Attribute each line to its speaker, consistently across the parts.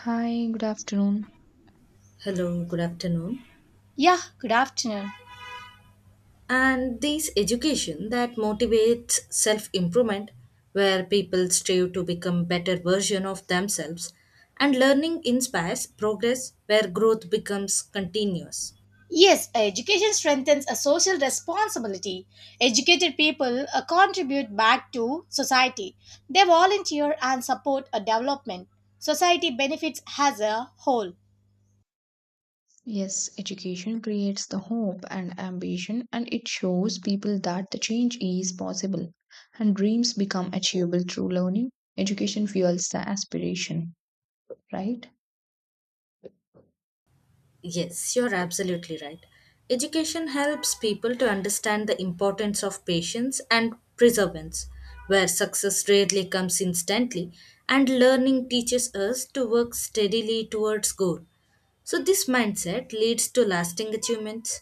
Speaker 1: Hi, good afternoon.
Speaker 2: Hello, good afternoon.
Speaker 3: Yeah, good afternoon.
Speaker 2: And this education that motivates self improvement, where people strive to become better version of themselves, and learning inspires progress, where growth becomes continuous.
Speaker 3: Yes, education strengthens a social responsibility. Educated people contribute back to society. They volunteer and support a development. Society benefits as a whole.
Speaker 1: Yes, education creates the hope and ambition, and it shows people that the change is possible and dreams become achievable through learning. Education fuels the aspiration, right?
Speaker 2: Yes, you're absolutely right. Education helps people to understand the importance of patience and perseverance, where success rarely comes instantly, and learning teaches us to work steadily towards goal. So this mindset leads to lasting achievements.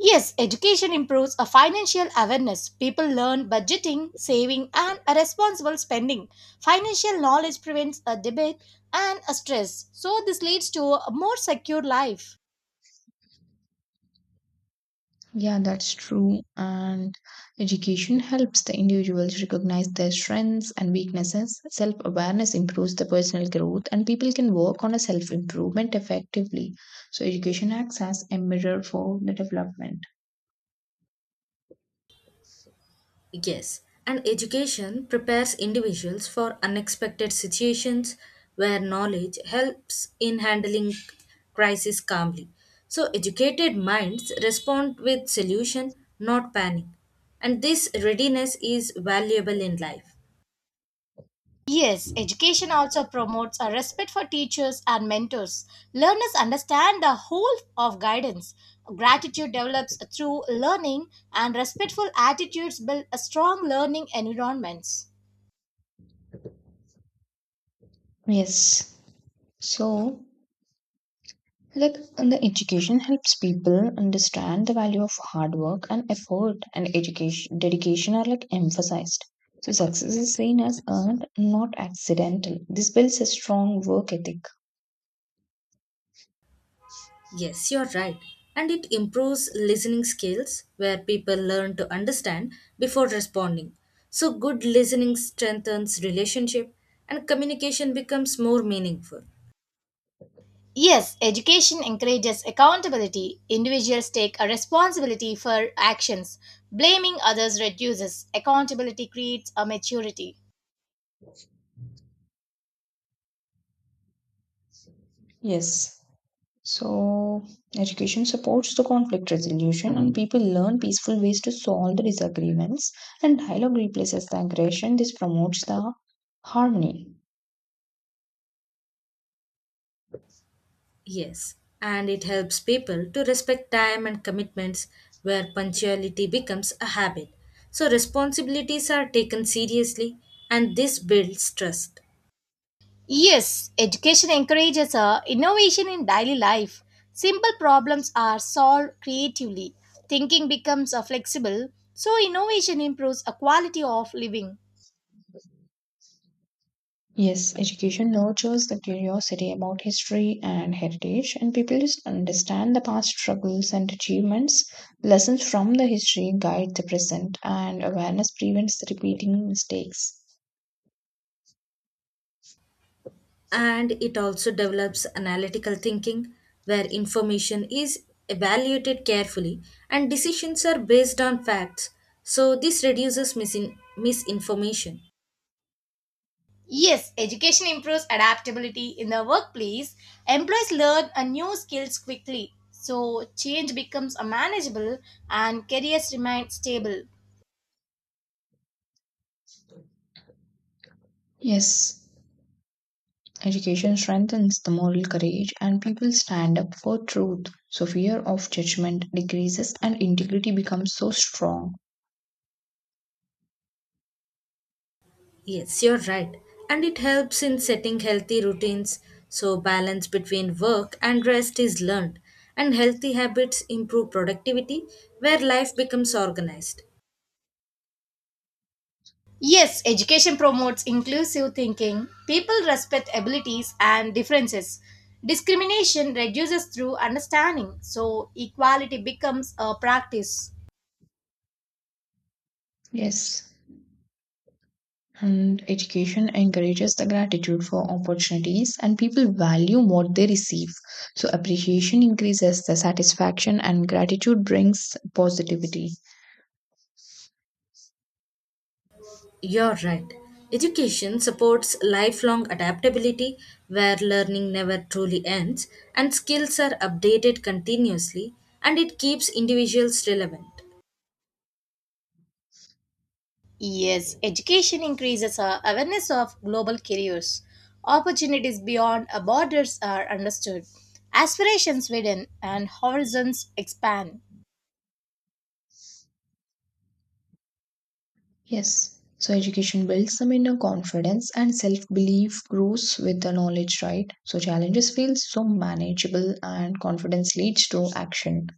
Speaker 3: Yes, education improves a financial awareness. People learn budgeting, saving, and a responsible spending. Financial knowledge prevents a debate and a stress. So this leads to a more secure life.
Speaker 1: Yeah, that's true. And education helps the individuals recognize their strengths and weaknesses. Self awareness improves the personal growth, and people can work on a self improvement effectively. So, education acts as a mirror for the development.
Speaker 2: Yes, and education prepares individuals for unexpected situations where knowledge helps in handling crisis calmly. So educated minds respond with solution, not panic. And this readiness is valuable in life.
Speaker 3: Yes, education also promotes a respect for teachers and mentors. Learners understand the whole of guidance. Gratitude develops through learning, and respectful attitudes build a strong learning environments.
Speaker 1: Yes. So, like and the education helps people understand the value of hard work and effort and education dedication are like emphasized. So success is seen as earned, not accidental. This builds a strong work ethic.
Speaker 2: Yes, you're right. And it improves listening skills where people learn to understand before responding. So good listening strengthens relationship and communication becomes more meaningful.
Speaker 3: Yes, education encourages accountability. Individuals take a responsibility for actions. Blaming others reduces. Accountability creates a maturity.
Speaker 1: Yes. So education supports the conflict resolution and people learn peaceful ways to solve the disagreements and dialogue replaces the aggression. This promotes the harmony.
Speaker 2: Yes, and it helps people to respect time and commitments where punctuality becomes a habit. So responsibilities are taken seriously and this builds trust.
Speaker 3: Yes, education encourages innovation in daily life. Simple problems are solved creatively. Thinking becomes flexible, so innovation improves a quality of living.
Speaker 1: Yes, education nurtures the curiosity about history and heritage, and people just understand the past struggles and achievements. Lessons from the history guide the present, and awareness prevents the repeating mistakes.
Speaker 2: And it also develops analytical thinking where information is evaluated carefully and decisions are based on facts. So this reduces misinformation.
Speaker 3: Yes, education improves adaptability in the workplace. Employees learn a new skills quickly, so change becomes manageable and careers remain stable.
Speaker 1: Yes, education strengthens the moral courage, and people stand up for truth. So, fear of judgment decreases, and integrity becomes so strong.
Speaker 2: Yes, you're right. And it helps in setting healthy routines so balance between work and rest is learned. And healthy habits improve productivity where life becomes organized.
Speaker 3: Yes, education promotes inclusive thinking. People respect abilities and differences. Discrimination reduces through understanding, so equality becomes a practice.
Speaker 1: Yes, and education encourages the gratitude for opportunities and people value what they receive, so appreciation increases the satisfaction and gratitude brings positivity.
Speaker 2: You're right. Education supports lifelong adaptability where learning never truly ends and skills are updated continuously and it keeps individuals relevant.
Speaker 3: Yes, education increases our awareness of global careers. Opportunities beyond our borders are understood. Aspirations widen and horizons expand.
Speaker 1: Yes, so education builds some inner confidence and self-belief grows with the knowledge, right? So challenges feel so manageable and confidence leads to action.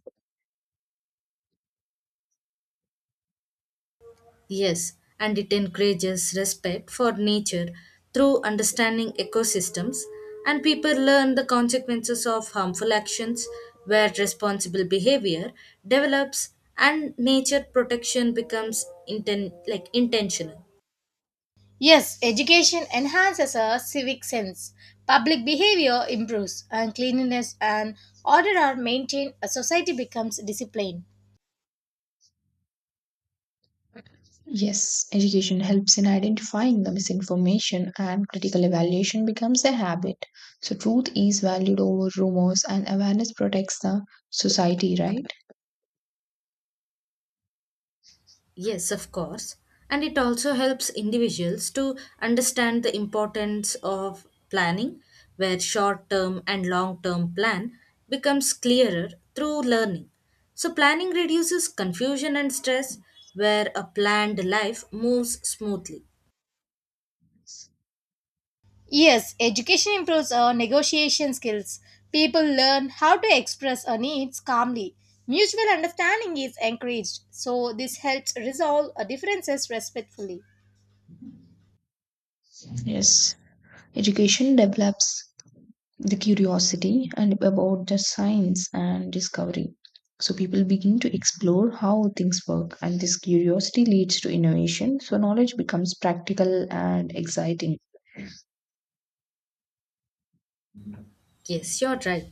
Speaker 2: Yes, and it encourages respect for nature through understanding ecosystems, and people learn the consequences of harmful actions where responsible behavior develops and nature protection becomes intentional.
Speaker 3: Yes, education enhances our civic sense. Public behavior improves, and cleanliness and order are maintained. A society becomes disciplined.
Speaker 1: Yes, education helps in identifying the misinformation and critical evaluation becomes a habit. So, truth is valued over rumors and awareness protects the society, right?
Speaker 2: Yes, of course. And it also helps individuals to understand the importance of planning, where short term and long term plan becomes clearer through learning. So, planning reduces confusion and stress, where a planned life moves smoothly.
Speaker 3: Yes, education improves our negotiation skills. People learn how to express our needs calmly. Mutual understanding is encouraged, so this helps resolve our differences respectfully.
Speaker 1: Yes. Education develops the curiosity and about the science and discovery. So, people begin to explore how things work, and this curiosity leads to innovation. So, knowledge becomes practical and exciting.
Speaker 2: Yes, you're right.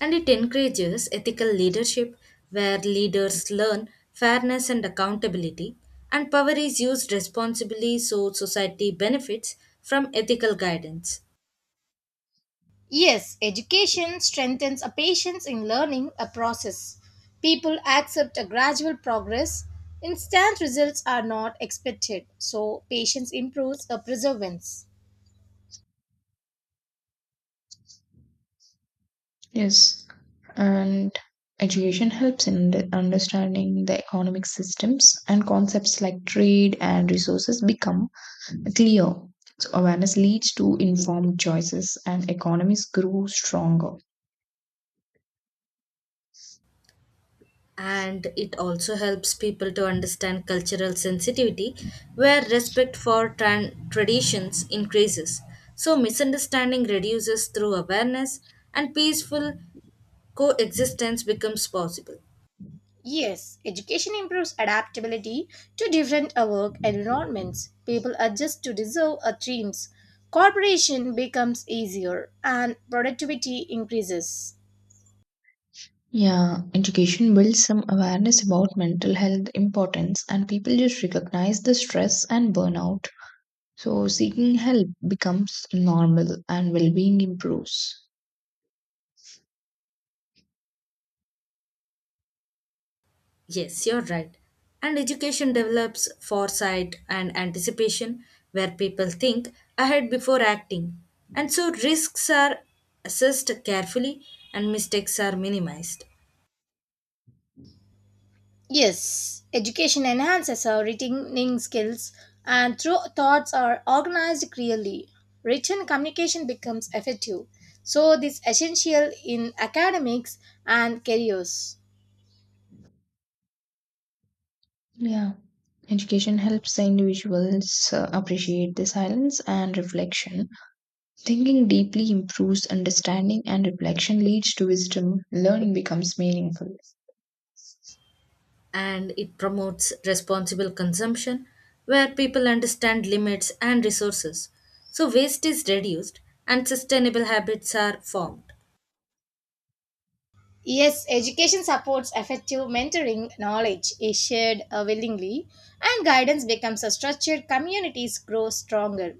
Speaker 2: And it encourages ethical leadership where leaders learn fairness and accountability, and power is used responsibly so society benefits from ethical guidance.
Speaker 3: Yes, education strengthens a patience in learning a process. People accept a gradual progress. Instant results are not expected, so patience improves a perseverance.
Speaker 1: Yes, and education helps in understanding the economic systems and concepts like trade and resources become clear. So awareness leads to informed choices and economies grow stronger.
Speaker 2: And it also helps people to understand cultural sensitivity where respect for traditions increases. So, misunderstanding reduces through awareness, and peaceful coexistence becomes possible.
Speaker 3: Yes, education improves adaptability to different work environments. People adjust to deserve a dreams. Cooperation becomes easier and productivity increases.
Speaker 1: Yeah, education builds some awareness about mental health importance and people just recognize the stress and burnout. So seeking help becomes normal and well-being improves.
Speaker 2: Yes, you're right. And education develops foresight and anticipation where people think ahead before acting. And so risks are assessed carefully and mistakes are minimized.
Speaker 3: Yes, education enhances our reading skills and through thoughts are organized clearly. Written communication becomes effective. So this essential in academics and careers.
Speaker 1: Yeah. Education helps the individuals appreciate the silence and reflection. Thinking deeply improves understanding, and reflection leads to wisdom. Learning becomes meaningful.
Speaker 2: And it promotes responsible consumption where people understand limits and resources. So waste is reduced and sustainable habits are formed.
Speaker 3: Yes, education supports effective mentoring knowledge is shared willingly and guidance becomes a structured communities grow stronger.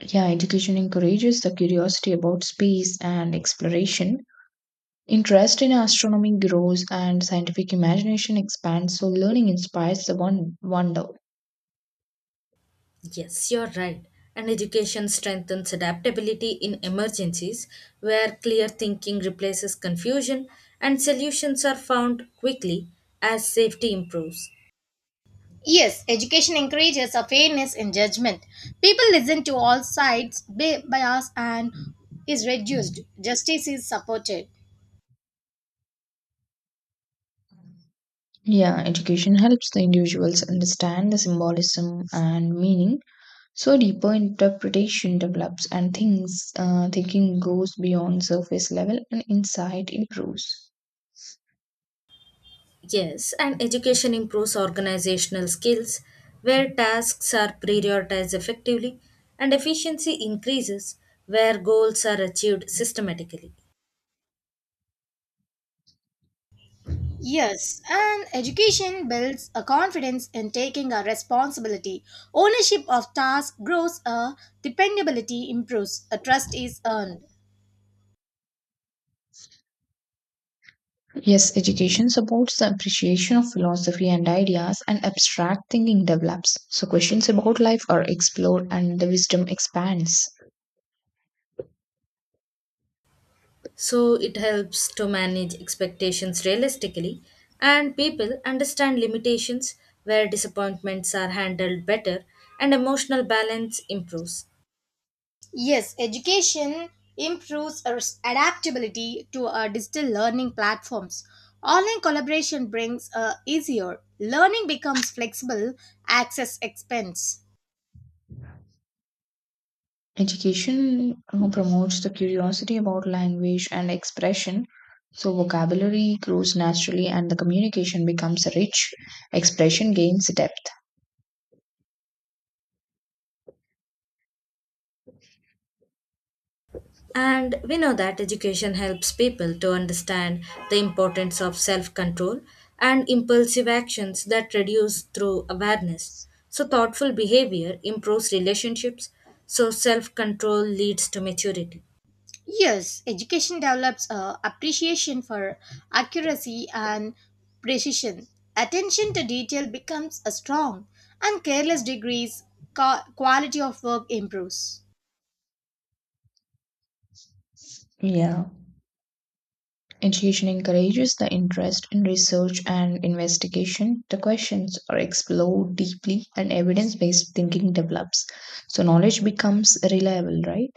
Speaker 1: Yeah, education encourages the curiosity about space and exploration. Interest in astronomy grows and scientific imagination expands, so learning inspires the one wonder.
Speaker 2: Yes, you're right. And education strengthens adaptability in emergencies where clear thinking replaces confusion and solutions are found quickly as safety improves.
Speaker 3: Yes, education encourages a fairness in judgment. People listen to all sides, bias and is reduced, justice is supported.
Speaker 1: Yeah, education helps the individuals understand the symbolism and meaning. So deeper interpretation develops and things thinking goes beyond surface level and insight improves.
Speaker 2: Yes, and education improves organizational skills where tasks are prioritized effectively and efficiency increases where goals are achieved systematically.
Speaker 3: Yes, and education builds a confidence in taking a responsibility. Ownership of task grows, a dependability improves, a trust is earned.
Speaker 1: Yes, education supports the appreciation of philosophy and ideas, and abstract thinking develops. So, questions about life are explored and the wisdom expands.
Speaker 2: So it helps to manage expectations realistically and people understand limitations where disappointments are handled better and emotional balance improves.
Speaker 3: Yes, education improves our adaptability to our digital learning platforms. Online collaboration brings a easier learning becomes flexible, access expense.
Speaker 1: Education promotes the curiosity about language and expression. So, vocabulary grows naturally and the communication becomes rich. Expression gains depth.
Speaker 2: And we know that education helps people to understand the importance of self control and impulsive actions that reduce through awareness. So, thoughtful behavior improves relationships. So, self control leads to maturity.
Speaker 3: Yes, education develops a appreciation for accuracy and precision. Attention to detail becomes a strong, and careless degrees quality of work improves.
Speaker 1: Yeah. Education encourages the interest in research and investigation. The questions are explored deeply and evidence based thinking develops. So, knowledge becomes reliable, right?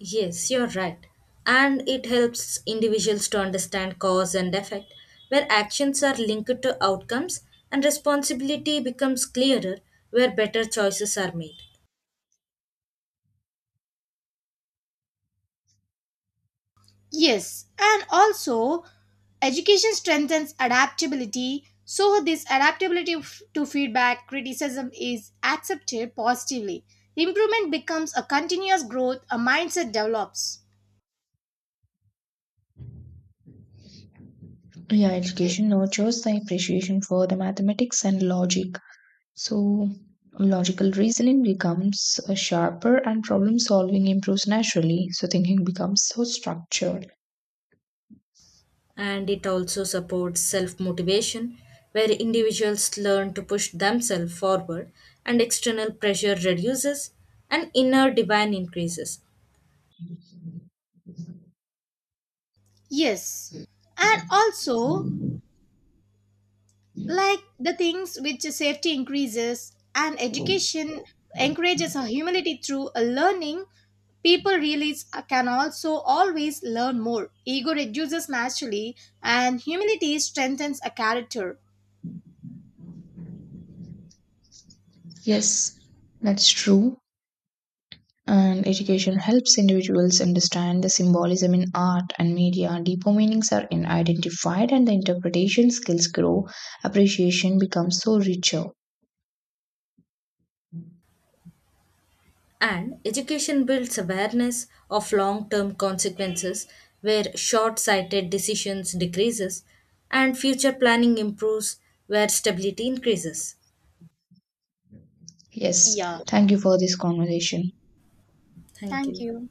Speaker 2: Yes, you're right. And it helps individuals to understand cause and effect, where actions are linked to outcomes and responsibility becomes clearer, where better choices are made.
Speaker 3: Yes, and also education strengthens adaptability. So, this adaptability to feedback criticism is accepted positively. Improvement becomes a continuous growth, a mindset develops.
Speaker 1: Yeah, education nurtures the appreciation for the mathematics and logic. So, logical reasoning becomes sharper and problem solving improves naturally. So, thinking becomes so structured.
Speaker 2: And it also supports self motivation, where individuals learn to push themselves forward and external pressure reduces and inner divine increases.
Speaker 3: Yes, and also like the things which safety increases and education encourages a humility through a learning people really can also always learn more ego reduces naturally and humility strengthens a character.
Speaker 1: Yes, that's true. And education helps individuals understand the symbolism in art and media. Deeper meanings are identified, and the interpretation skills grow. Appreciation becomes so richer.
Speaker 2: And education builds awareness of long term consequences where short sighted decisions decreases and future planning improves where stability increases.
Speaker 1: Yes,
Speaker 3: Yeah,
Speaker 1: thank you for this conversation.
Speaker 2: Thank
Speaker 3: thank
Speaker 2: you.
Speaker 3: you.